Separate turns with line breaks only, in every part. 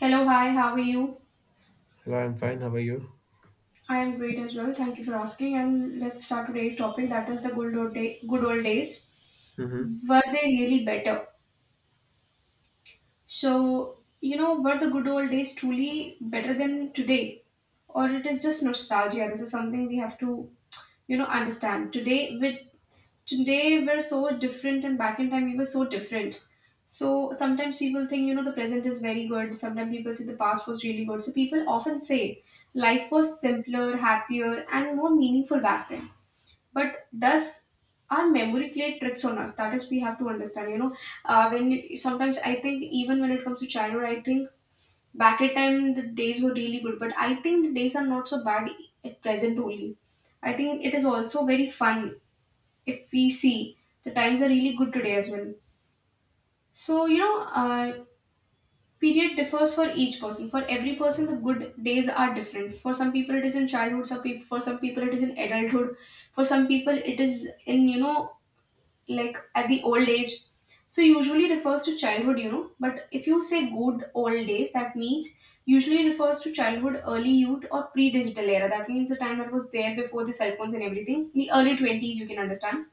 Hello, hi, how are you?
Hello, I'm fine. How are you?
I am great as well. Thank you for asking. And let's start today's topic, that is the good old days.
Mm-hmm.
Were they really better? So, were the good old days truly better than today? Or it is just nostalgia? This is something we have to, understand. Today we're so different, and back in time we were so different. So sometimes people think, the present is very good. Sometimes people say the past was really good. So people often say life was simpler, happier and more meaningful back then. But thus our memory played tricks on us, that is we have to understand. Sometimes I think even when it comes to childhood, I think back at time the days were really good, but I think the days are not so bad at present only. I think it is also very fun if we see the times are really good today as well. So period differs for each person. For every person the good days are different. For some people it is in childhood, some people for some people it is in adulthood. For some people it is in, like at the old age. So usually refers to childhood, but if you say good old days that means usually refers to childhood, early youth or pre-digital era. That means the time that was there before the cell phones and everything, the early 20s, you can understand.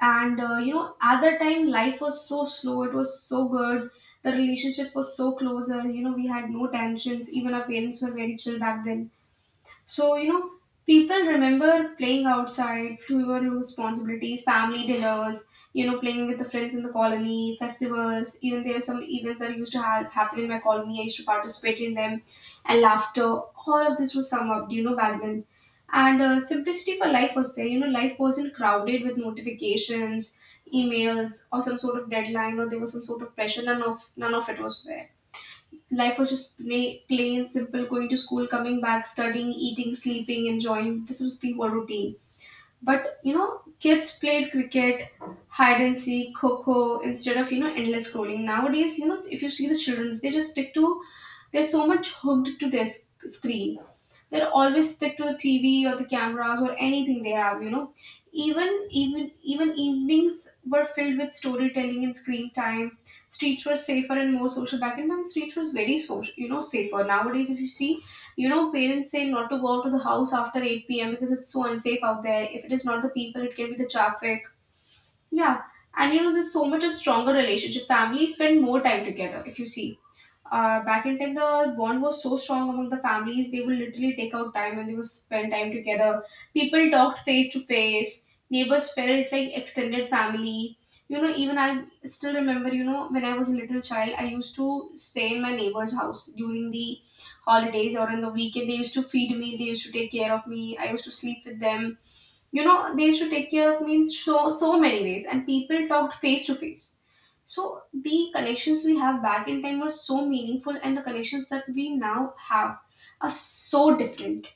And you know, at that time life was so slow, it was so good. The relationship was so closer. You know, we had no tensions, even our parents were very chill back then. So, people remember playing outside, fewer responsibilities, family dinners, playing with the friends in the colony, festivals. Even there are some events that used to have happen in my colony. I used to participate in them, and laughter. All of this was summed up, back then. And simplicity for life was there. You know, life wasn't crowded with notifications, emails, or some sort of deadline, or there was some sort of pressure. None of it was there. Life was just plain, simple, going to school, coming back, studying, eating, sleeping, enjoying. This was the whole routine. But you know, kids played cricket, hide and seek, coco instead of endless scrolling. Nowadays, you know, if you see the childrens, they just stick to they're so much hooked to their screen. They'll always stick to the TV or the cameras or anything they have, you know. Even Even evenings were filled with storytelling and screen time. Streets were safer and more social back in time. Streets was very social, you know, safer. Nowadays, if you see, you know, parents say not to go out to the house after 8 p.m. because it's so unsafe out there. If it is not the people, it can be the traffic. Yeah, and you know, there's so much a stronger relationship. Families spend more time together. If you see back in time, the bond was so strong among the families. They would literally take out time and they would spend time together. People talked face to face. Neighbors felt like extended family. You know, even I still remember, you know, when I was a little child, I used to stay in my neighbor's house during the holidays or in the weekend. They used to feed me, they used to take care of me. I used to sleep with them. You know, they used to take care of me in so, so many ways. And people talked face to face, so the connections we have back in time were so meaningful, and the connections that we now have are so different.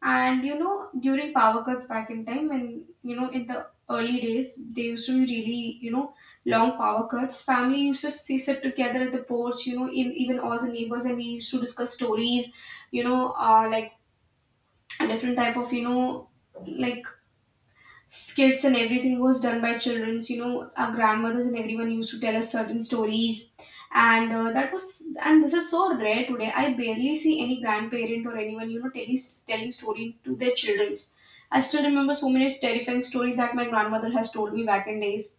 And you know, during power cuts back in time, when you know, in the early days, they used to be really, you know, long power cuts. Family used to sit together at the porch, you know, in, even all the neighbors, and we used to discuss stories, you know, like a different type of, you know, like skits, and everything was done by childrens. You know, our grandmothers and everyone used to tell us certain stories. And that was and this is so rare today. I barely see any grandparent or anyone, you know, telling story to their childrens. I still remember so many terrifying stories that my grandmother has told me back in days.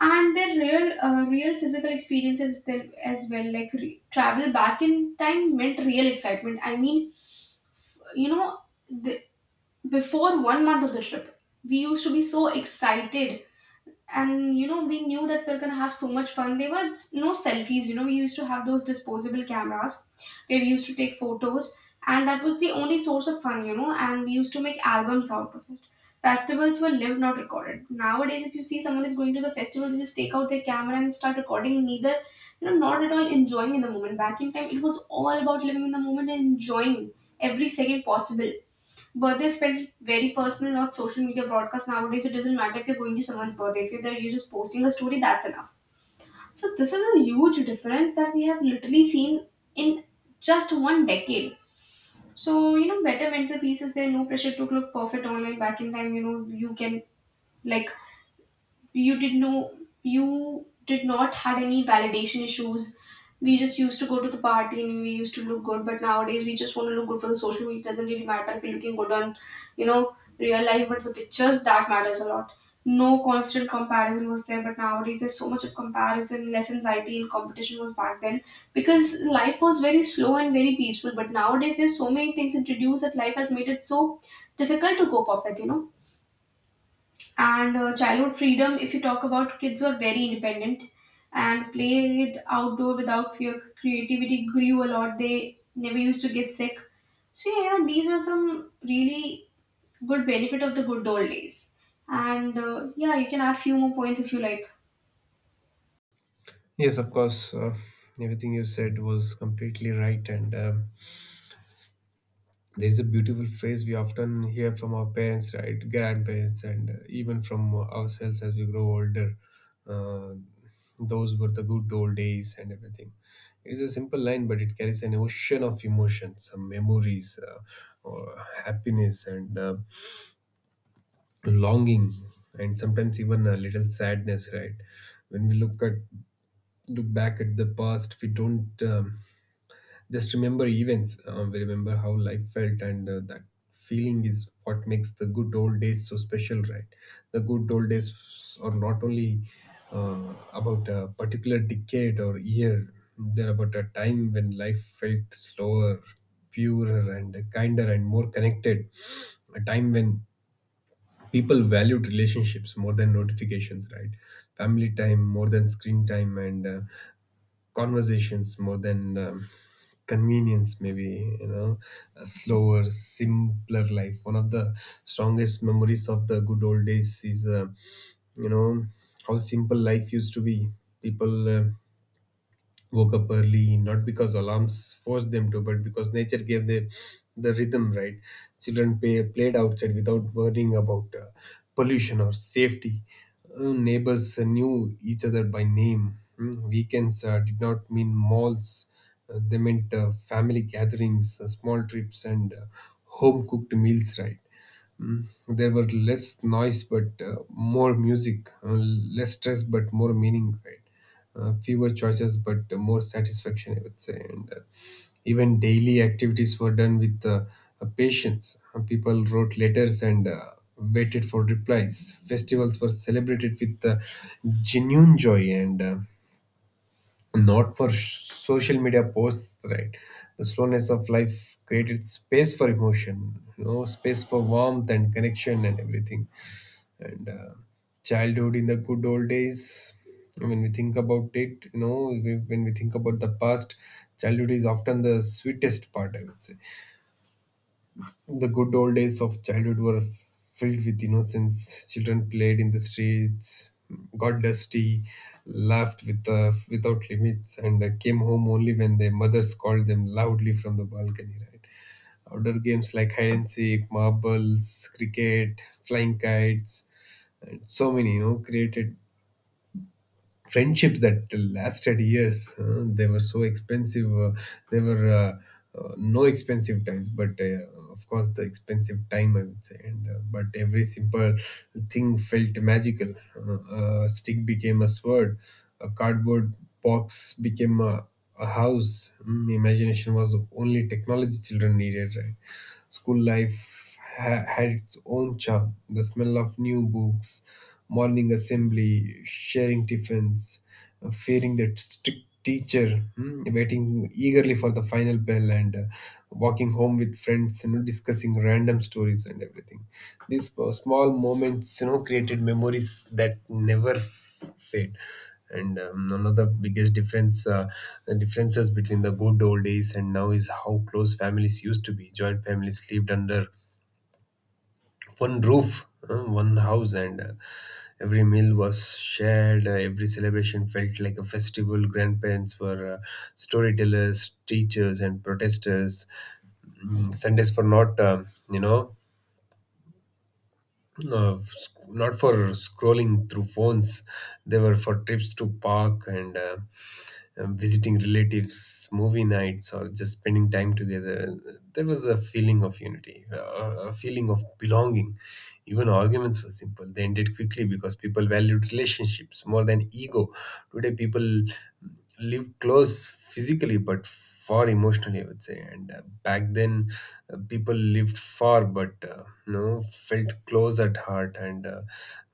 And their real physical experiences then as well. Like travel back in time meant real excitement. I mean, you know, before one month of the trip we used to be so excited. And you know, we knew that we are going to have so much fun. There were no selfies. You know, we used to have those disposable cameras where we used to take photos, and that was the only source of fun. You know, and we used to make albums out of it. Festivals were lived, not recorded. Nowadays, if you see, someone is going to the festival, they just take out their camera and start recording. Neither, you know, not at all enjoying in the moment. Back in time it was all about living in the moment and enjoying every second possible. Birthday is felt very personal, not social media broadcast. Nowadays, it doesn't matter if you're going to someone's birthday. If you're there, you're just posting a story, that's enough. So this is a huge difference that we have literally seen in just one decade. So, you know, better mental peace is there, no pressure to look perfect online. Back in time, you know, you can, like, you did know, you did not had any validation issues. We just used to go to the party and we used to look good, but nowadays we just want to look good for the social media. It doesn't really matter if we're looking good on, you know, real life, but the pictures that matters a lot. No constant comparison was there, but nowadays there's so much of comparison. Less anxiety and competition was back then, because life was very slow and very peaceful, but nowadays there's so many things introduced that life has made it so difficult to cope up with, you know. And childhood freedom, if you talk about, kids were very independent and played outdoor without fear. Creativity grew a lot, they never used to get sick. So yeah, these are some really good benefit of the good old days. And yeah, you can add few more points if you like.
Yes, of course. Everything you said was completely right. And there's a beautiful phrase we often hear from our parents, right? Grandparents, and even from ourselves as we grow older. Uh, those were the good old days and everything. It's a simple line, but it carries an ocean of emotions, some memories, or happiness, and longing, and sometimes even a little sadness, right? When we look back at the past, we don't just remember events. We remember how life felt, and that feeling is what makes the good old days so special, right? The good old days are not only about a particular decade or year. They're about a time when life felt slower, purer, and kinder, and more connected. A time when people valued relationships more than notifications, right? Family time more than screen time, and conversations more than convenience, maybe. A slower, simpler life. One of the strongest memories of the good old days is you know how simple life used to be. People woke up early, not because alarms forced them to, but because nature gave them the rhythm, right? Children played outside without worrying about pollution or safety. Neighbors knew each other by name. Weekends did not mean malls. They meant family gatherings, small trips, and home cooked meals, right? There were less noise, but more music, less stress but more meaning, right? Fewer choices but more satisfaction, I would say. And even daily activities were done with patience. People wrote letters and waited for replies. Festivals were celebrated with genuine joy, and not for social media posts, right? The slowness of life created space for emotion, space for warmth and connection and everything. And childhood in the good old days, when we think about it, when we think about the past, childhood is often the sweetest part, I would say. The good old days of childhood were filled with innocence. Children played in the streets, got dusty, laughed without limits, and came home only when their mothers called them loudly from the balcony, right? Outdoor games like hide and seek, marbles, cricket, flying kites, and so many, created friendships that lasted years. They were so expensive. They were no expensive times, but of course the expensive time, I would say. And but every simple thing felt magical. A stick became a sword. A cardboard box became a house. Imagination was the only technology children needed, right? School life had its own charm. The smell of new books, morning assembly, sharing tiffins, fearing that strict teacher, waiting eagerly for the final bell, and walking home with friends, discussing random stories and everything. These small moments, created memories that never fade. And one of the biggest differences between the good old days and now is how close families used to be. Joint families lived under one roof, one house, and every meal was shared. Every celebration felt like a festival. Grandparents were storytellers, teachers, and protesters. Sundays were not, you know, sc- not for scrolling through phones. They were for trips to park, and visiting relatives, movie nights, or just spending time together. There was a feeling of unity, a feeling of belonging. Even arguments were simple. They ended quickly because people valued relationships more than ego. Today, people live close physically but far emotionally, I would say. And back then, people lived far but felt close at heart. And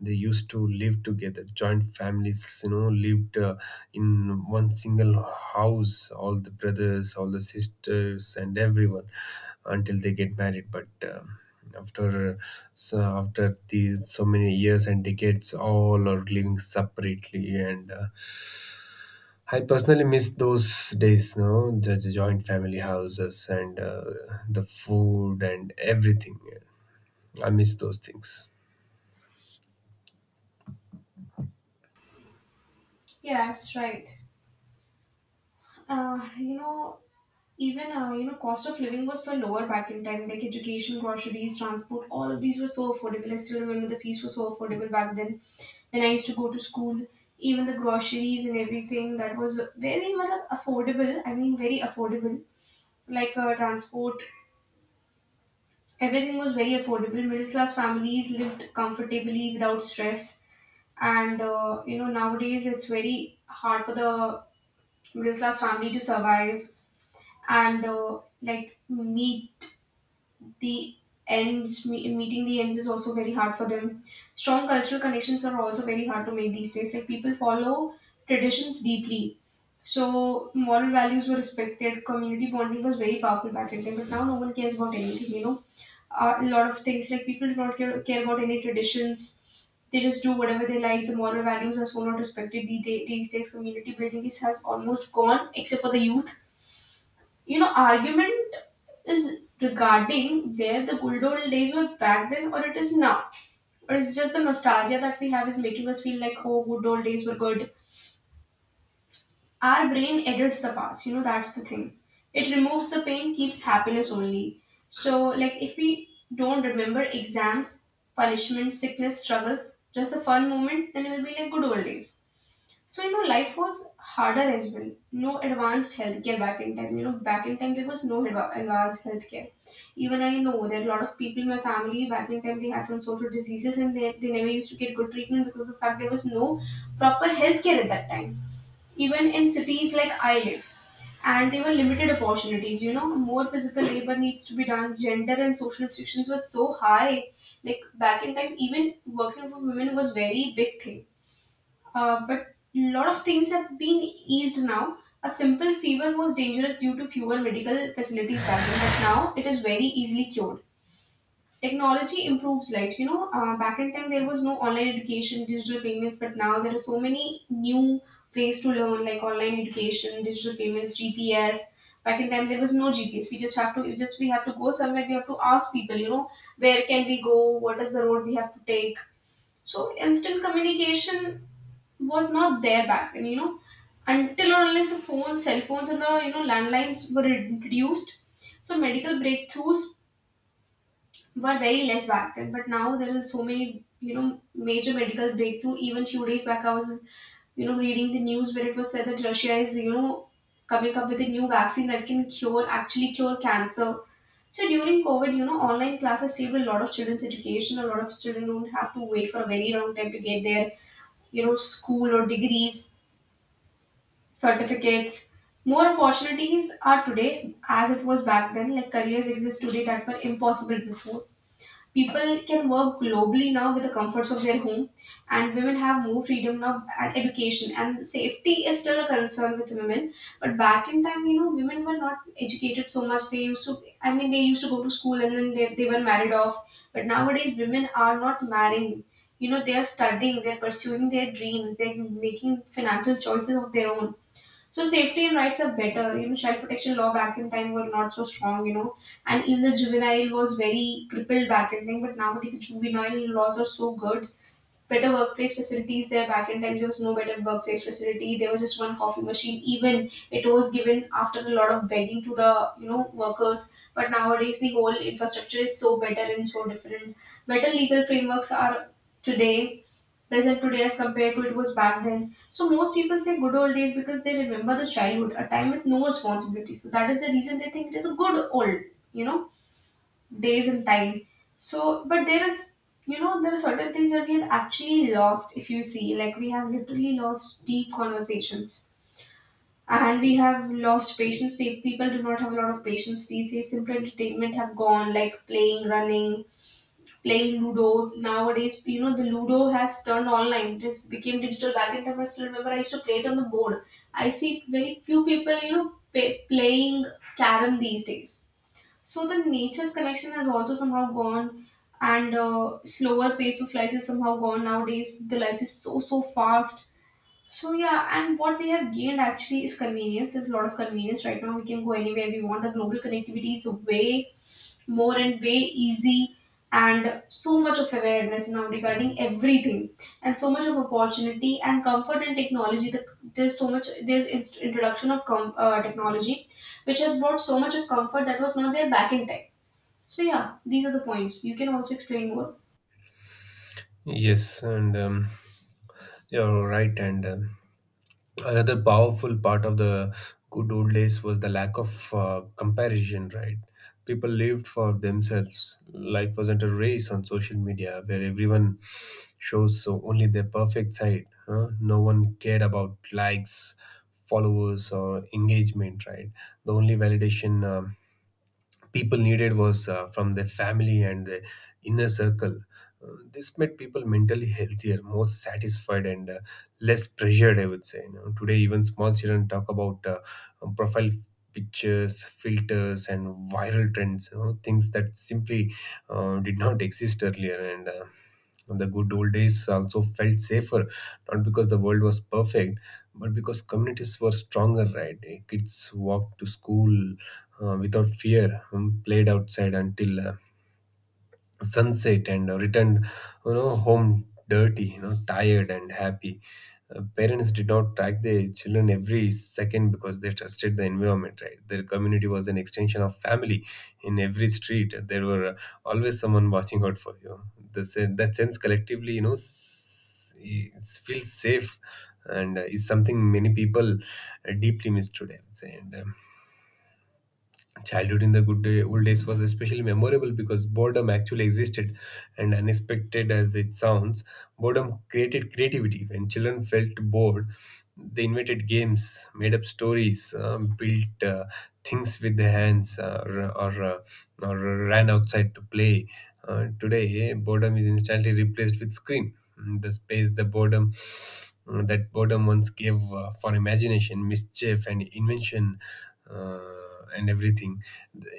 they used to live together. Joint families, lived in one single house, all the brothers, all the sisters, and everyone, until they get married. But after after these so many years and decades, all are living separately. And I personally miss those days, no? The joint family houses, and the food and everything. I miss those things.
Yeah, that's right. You know, even, you know, cost of living was so lower back in time. Like education, groceries, transport, all of these were so affordable. I still remember the fees were so affordable back then. When I used to go to school, even the groceries and everything that was very much affordable. I mean, very affordable. Like transport, everything was very affordable. Middle class families lived comfortably without stress. And you know, nowadays it's very hard for the middle class family to survive, and like meet the meeting the ends is also very hard for them. Strong cultural connections are also very hard to make these days. Like people follow traditions deeply, so moral values were respected, community bonding was very powerful back in time, but now no one cares about anything, you know. A lot of things, like people do not care about any traditions, they just do whatever they like. The moral values are so not respected these days. Community building is has almost gone except for the youth, you know. Argument is regarding where the good old days were back then or it is now, or it's just the nostalgia that we have is making us feel like, oh, good old days were good. Our brain edits the past, you know, that's the thing. It removes the pain, keeps happiness only. So like, if we don't remember exams, punishment, sickness, struggles, just the fun moment, then it'll be like good old days. So you know, life was harder as well. No advanced healthcare back in time. You know, back in time there was no advanced healthcare. Even I know there are a lot of people in my family back in time, they had some social diseases and they never used to get good treatment because of the fact there was no proper healthcare at that time. Even in cities like I live, and there were limited opportunities. You know, more physical labor needs to be done. Gender and social restrictions were so high. Like back in time, even working for women was very big thing, but lot of things have been eased now. A simple fever was dangerous due to fewer medical facilities back then, but now it is very easily cured. Technology improves lives. You know, back in time there was no online education, digital payments, but now there are so many new ways to learn, like online education, digital payments, GPS. Back in time there was no GPS. We have to go somewhere. We have to ask people. You know, where can we go? What is the road we have to take? So instant communication was not there back then, you know, until or unless the phones, cell phones, and the, you know, landlines were introduced. So medical breakthroughs were very less back then, but now there are so many, you know, major medical breakthrough. Even few days back, I was, you know, reading the news where it was said that Russia is, you know, coming up with a new vaccine that can cure, actually cure, cancer. So during COVID, you know, online classes saved a lot of children's education. A lot of children don't have to wait for a very long time to get their, you know, school or degrees certificates. More opportunities are today as it was back then, like careers exist today that were impossible before. People can work globally now with the comforts of their home, and women have more freedom now and education. And safety is still a concern with women, but back in time, you know, women were not educated so much. They used to, I mean, they used to go to school and then they were married off. But nowadays, women are not marrying. You know, they are studying, they're pursuing their dreams, they're making financial choices of their own, so safety and rights are better. You know, child protection law back in time were not so strong. You know, and even the juvenile was very crippled back in time. But nowadays the juvenile laws are so good. Better workplace facilities there. Back in time there was no better workplace facility. There was just one coffee machine, even it was given after a lot of begging to the, you know, workers, but nowadays the whole infrastructure is so better and so different. Better legal frameworks are today present today as compared to it was back then. So most people say good old days because they remember the childhood, a time with no responsibilities. So that is the reason they think it is a good old, you know, days and time. So, but there is, you know, there are certain things that we have actually lost. If you see, like we have literally lost deep conversations, and we have lost patience. People do not have a lot of patience these days. Simple entertainment have gone, like playing, running, playing Ludo. Nowadays, you know, the Ludo has turned online. It has became digital. Back in time, I still remember I used to play it on the board. I see very few people, you know, pa playing carom these days. So the nature's connection has also somehow gone, and slower pace of life is somehow gone nowadays. The life is so so fast. So yeah, and what we have gained actually is convenience. There's a lot of convenience right now. We can go anywhere we want. The global connectivity is way more and way easy, and so much of awareness now regarding everything, and so much of opportunity and comfort and technology. There's so much. There's technology, which has brought so much of comfort that was not there back in time. So yeah, these are the points. You can also explain more.
Yes, and you're right. And another powerful part of the good old days was the lack of comparison, right? People lived for themselves. Life wasn't a race on social media where everyone shows so only their perfect side, huh? No one cared about likes, followers, or engagement, right? The only validation people needed was from their family and the inner circle. Uh, this made people mentally healthier, more satisfied, and less pressured, I would say. You know, today, even small children talk about profile pictures, filters, and viral trends. You know, things that simply did not exist earlier. And the good old days also felt safer, not because the world was perfect but because communities were stronger, right? Kids walked to school without fear, played outside until sunset, and returned home dirty, tired and happy. Parents did not track their children every second because they trusted the environment, right? Their community was an extension of family. In every street there were always someone watching out for you. That sense collectively, feels safe, and is something many people deeply miss today, I would say. And childhood in the old days was especially memorable because boredom actually existed, and unexpected as it sounds, boredom created creativity. When children felt bored, they invented games, made up stories, built things with their hands, or ran outside to play. Today, boredom is instantly replaced with screen. The space, the boredom mm, that boredom once gave for imagination, mischief, and invention. And everything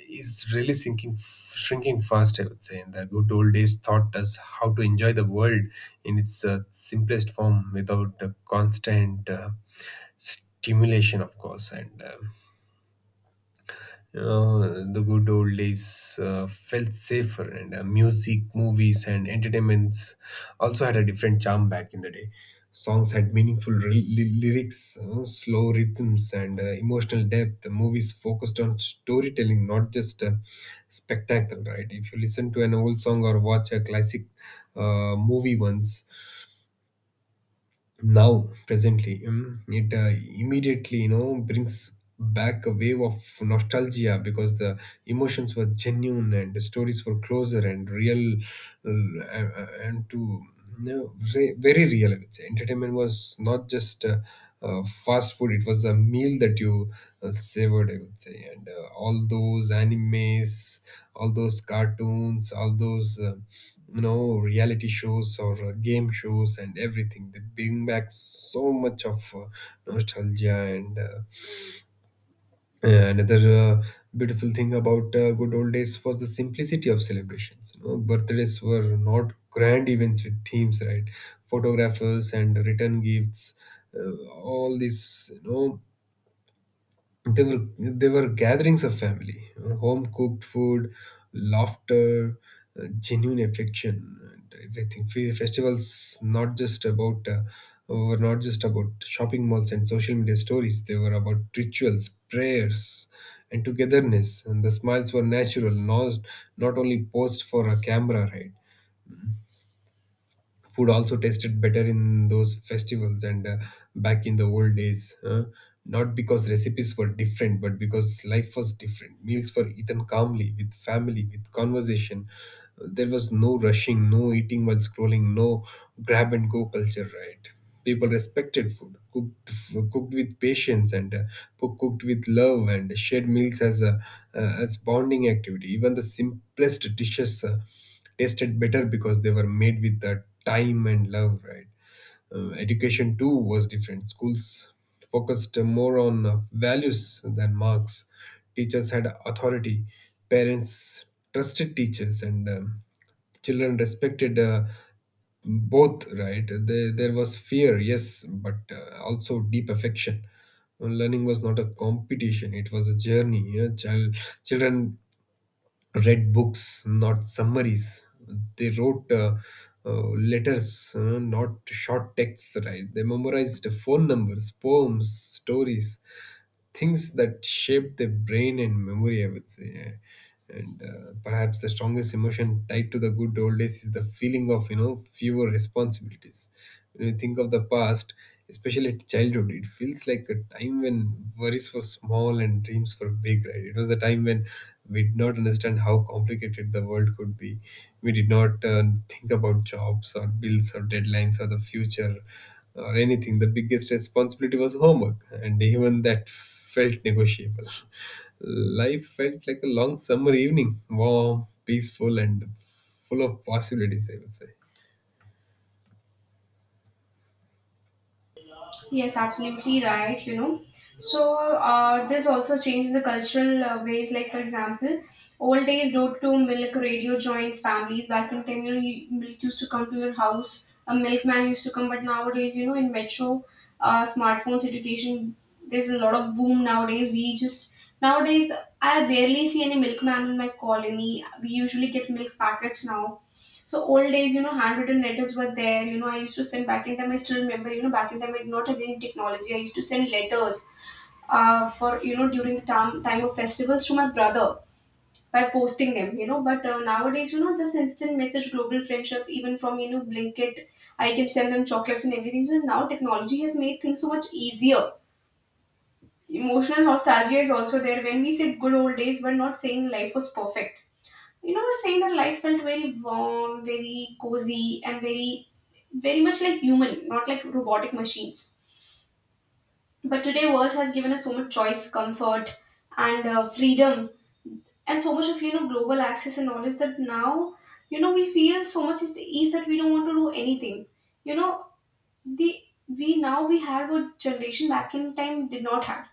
is really shrinking fast, I would say. And the good old days taught us how to enjoy the world in its simplest form without constant stimulation, of course. The good old days felt safer, and music, movies, and entertainments also had a different charm back in the day. Songs had meaningful lyrics, slow rhythms, and emotional depth. The movies focused on storytelling, not just spectacle, right? If you listen to an old song or watch a classic movie once, now presently, it immediately brings back a wave of nostalgia, because the emotions were genuine and the stories were closer and real. Uh, and to you know, re- very real, I would say. Entertainment was not just fast food. It was a meal that you savored, I would say. And all those animes, all those cartoons, all those reality shows or game shows and everything, they bring back so much of nostalgia. And another beautiful thing about good old days was the simplicity of celebrations. Birthdays were not grand events with themes, right? Photographers and return gifts, all these, they were gatherings of family, home cooked food, laughter, genuine affection, and everything. Festivals, not just about were not just about shopping malls and social media stories. They were about rituals, prayers, and togetherness. And the smiles were natural, not only posed for a camera, right? Food also tasted better in those festivals, and back in the old days, not because recipes were different, but because life was different. Meals were eaten calmly with family, with conversation. There was no rushing, no eating while scrolling, no grab and go culture, right? People respected food, cooked with patience, and cooked with love, and shared meals as a as bonding activity. Even the simplest dishes tasted better because they were made with the time and love, right? Education too was different. Schools focused more on values than marks. Teachers had authority. Parents trusted teachers, and children respected both, right? There was fear, yes, but also deep affection. Learning was not a competition. It was a journey, children read books, not summaries. They wrote uh, letters, not short texts, right? They memorized phone numbers, poems, stories, things that shaped their brain and memory, I would say. Yeah. And perhaps the strongest emotion tied to the good old days is the feeling of, fewer responsibilities. When you think of the past, especially at childhood, it feels like a time when worries were small and dreams were big, right? It was a time when we did not understand how complicated the world could be. We did not think about jobs or bills or deadlines or the future or anything. The biggest responsibility was homework, and even that felt negotiable. Life felt like a long summer evening, warm, peaceful, and full of possibilities, I would say.
Yes, absolutely right. You know, so there's also change in the cultural ways. Like for example, old days road to milk radio joints families back in time. You know, you, milk used to come to your house. A milkman used to come, but nowadays, you know, in metro, smartphones, education, there's a lot of boom nowadays. We just nowadays I barely see any milkman in my colony. We usually get milk packets now. So old days, you know, handwritten letters were there. You know, I used to send back in time. I still remember, you know, back in time I did not have any technology. I used to send letters, for, you know, during the time of festivals to my brother by posting them, you know. But nowadays, you know, just instant message, global friendship, even from, you know, Blinkit, I can send them chocolates and everything. So now technology has made things so much easier. Emotional nostalgia is also there when we say good old days, but not saying life was perfect. You know, we're saying that life felt very warm, very cozy, and very, very much like human, not like robotic machines. But today, world has given us so much choice, comfort, and freedom and so much of, you know, global access and knowledge that now, you know, we feel so much at ease that we don't want to do anything, you know. The we now we have what generation back in time did not have.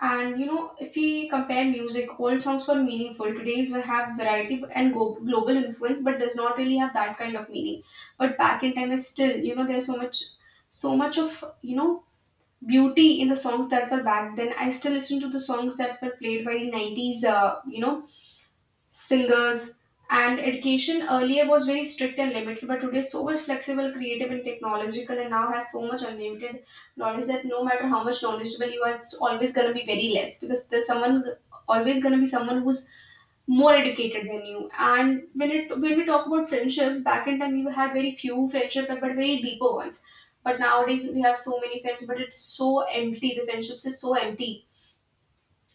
And you know, if we compare music, old songs were meaningful. Today's we have variety and global influence, but does not really have that kind of meaning. But back in time, is still, you know, there's so much, so much of, you know, beauty in the songs that were back then. I still listen to the songs that were played by the '90s, you know, singers, and education earlier was very strict and limited but today is so much flexible, creative and technological, and now has so much unlimited knowledge that no matter how much knowledgeable you are it's always going to be very less because there's someone always going to be someone who's more educated than you. And when we talk about friendship back in time we had very few friendship but very deeper ones, but nowadays we have so many friends but it's so empty. The friendships is so empty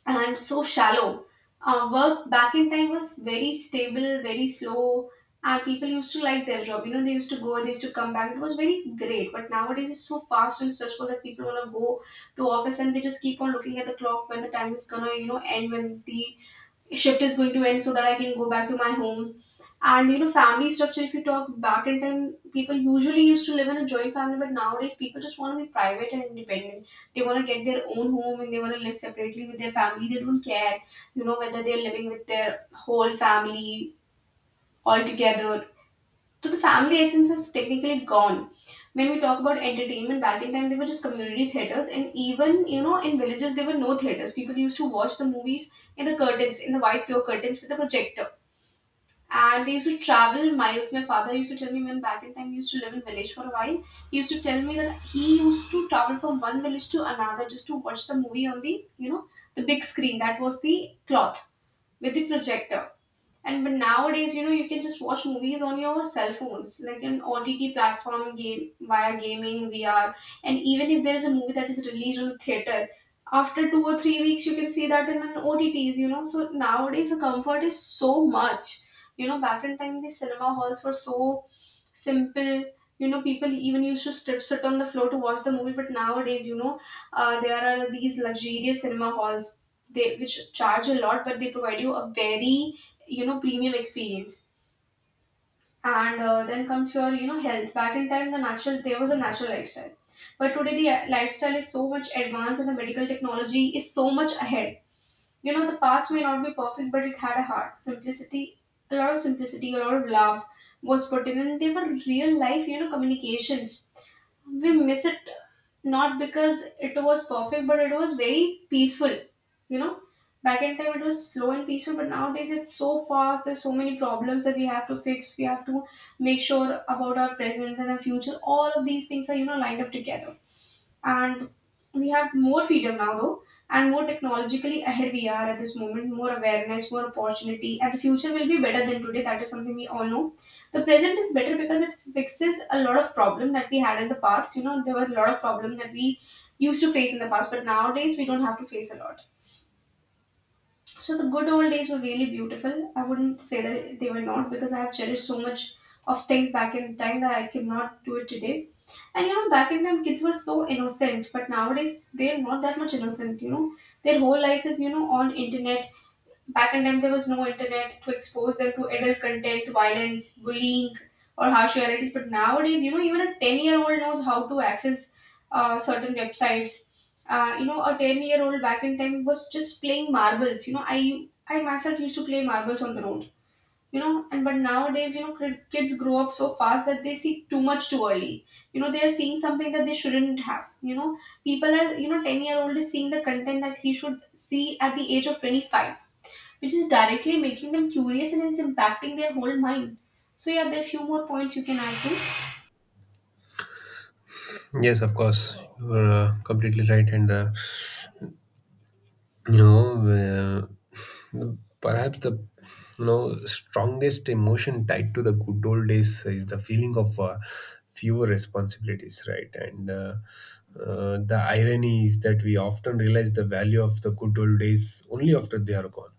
and so shallow. Work back in time was very stable, very slow, and people used to like their job. You know, they used to go, they used to come back. It was very great. But nowadays, it's so fast and stressful that people want to go to office and they just keep on looking at the clock when the time is gonna, you know, end, when the shift is going to end so that I can go back to my home. And you know, family structure, if you talk back in time, people usually used to live in a joint family, but nowadays people just want to be private and independent. They want to get their own home and they want to live separately with their family. They don't care, you know, whether they're living with their whole family all together, so the family essence is technically gone. When we talk about entertainment, back in time they were just community theaters, and even, you know, in villages there were no theaters. People used to watch the movies in the curtains, in the white pure curtains with the projector, and they used to travel miles. My father used to tell me when back in time he used to live in village for a while. He used to tell me that he used to travel from one village to another just to watch the movie on the, you know, the big screen that was the cloth with the projector. And but nowadays, you know, you can just watch movies on your cell phones, like an OTT platform game via gaming, VR, and even if there is a movie that is released on theater, after 2 or 3 weeks, you can see that in an OTTs. You know, so nowadays the comfort is so much. You know, back in time the cinema halls were so simple. You know, people even used to sit on the floor to watch the movie, but nowadays, you know, there are these luxurious cinema halls they which charge a lot, but they provide you a very, you know, premium experience. And then comes your, you know, health. Back in time there was a natural lifestyle, but today the lifestyle is so much advanced and the medical technology is so much ahead. You know, the past may not be perfect but it had a heart simplicity, a lot of simplicity, a lot of love was put in, and they were real life, you know, communications. We miss it, not because it was perfect, but it was very peaceful. You know, back in time it was slow and peaceful, but nowadays it's so fast. There's so many problems that we have to fix. We have to make sure about our present and our future. All of these things are, you know, lined up together, and we have more freedom now though, and more technologically ahead we are at this moment. More awareness, more opportunity, and the future will be better than today. That is something we all know. The present is better because it fixes a lot of problem that we had in the past. You know, there were a lot of problem that we used to face in the past, but nowadays we don't have to face a lot. So the good old days were really beautiful. I wouldn't say that they were not, because I have cherished so much of things back in time that I cannot do it today. And you know, back in time, kids were so innocent, but nowadays they're not that much innocent. You know, their whole life is, you know, on internet. Back in time, there was no internet to expose them to adult content, violence, bullying, or harsh realities. But nowadays, you know, even a 10-year-old knows how to access certain websites. You know, a 10-year-old back in time was just playing marbles. You know, I myself used to play marbles on the road, you know. And but nowadays, you know, kids grow up so fast that they see too much too early. You know, they are seeing something that they shouldn't have, you know. People are, you know, 10-year-old year old is seeing the content that he should see at the age of 25, which is directly making them curious and it's impacting their whole mind. So yeah, there are few more points you can add to.
Yes, of course, you're completely right, and you know uh, perhaps the, you know, strongest emotion tied to the good old days is the feeling of fewer responsibilities, right? And the irony is that we often realize the value of the good old days only after they are gone.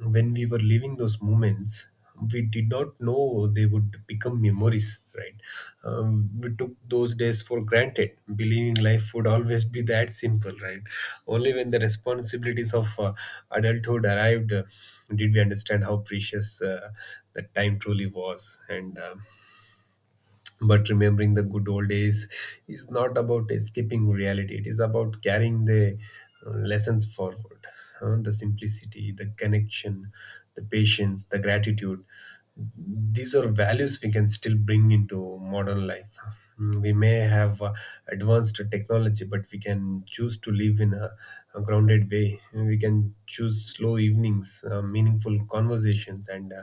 When we were living those moments, we did not know they would become memories, right? We took those days for granted, believing life would always be that simple, right? Only when the responsibilities of adulthood arrived did we understand how precious that time truly was. And but remembering the good old days is not about escaping reality, it is about carrying the lessons forward. The simplicity, the connection, the patience, the gratitude, these are values we can still bring into modern life. Mm, we may have advanced technology, but we can choose to live in a grounded way. We can choose slow evenings, meaningful conversations, and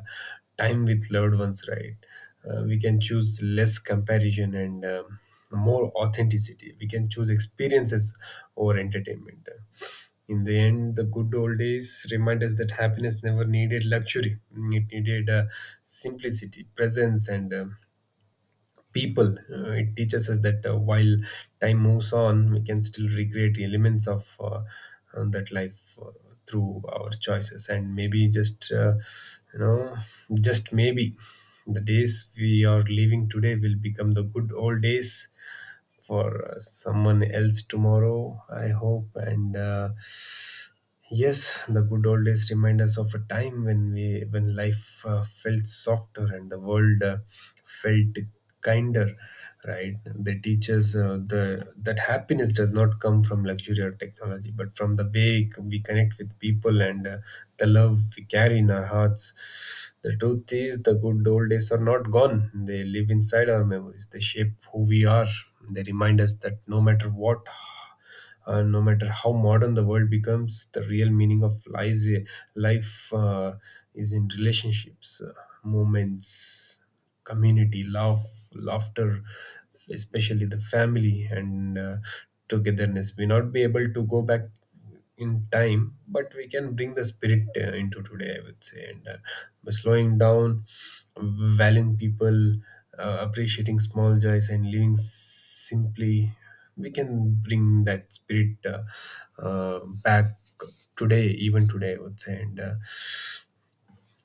time with loved ones, right? We can choose less comparison and more authenticity. We can choose experiences over entertainment. In the end, the good old days remind us that happiness never needed luxury. It needed simplicity, presence, and people. It teaches us that while time moves on, we can still recreate elements of that life through our choices. And maybe just, you know, just maybe the days we are living today will become the good old days for someone else tomorrow, I hope. And Yes, the good old days remind us of a time when we, when life felt softer and the world felt kinder, right? They teach us the that happiness does not come from luxury or technology, but from the way we connect with people and the love we carry in our hearts. The truth is, the good old days are not gone. They live inside our memories. They shape who we are. They remind us that no matter how modern the world becomes, the real meaning of lies, life is in relationships, moments, community, love, laughter, especially the family, and togetherness. We not be able to go back in time, but we can bring the spirit into today, I would say, and by slowing down, valuing people, appreciating small joys, and living simply. We can bring that spirit back today, even today, I would say. And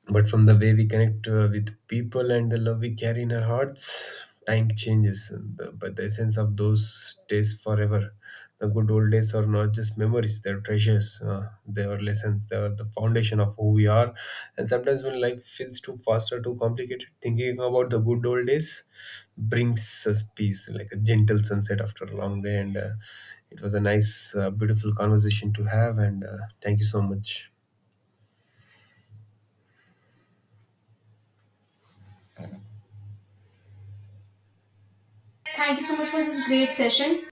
But from the way we connect with people and the love we carry in our hearts, time changes and the, but the essence of those days forever. The good old days are not just memories, they're treasures. They are lessons, they are the foundation of who we are. And sometimes when life feels too fast or too complicated, thinking about the good old days brings us peace, like a gentle sunset after a long day. And It was a nice, beautiful conversation to have, and thank you so much.
Thank you so much for this great session.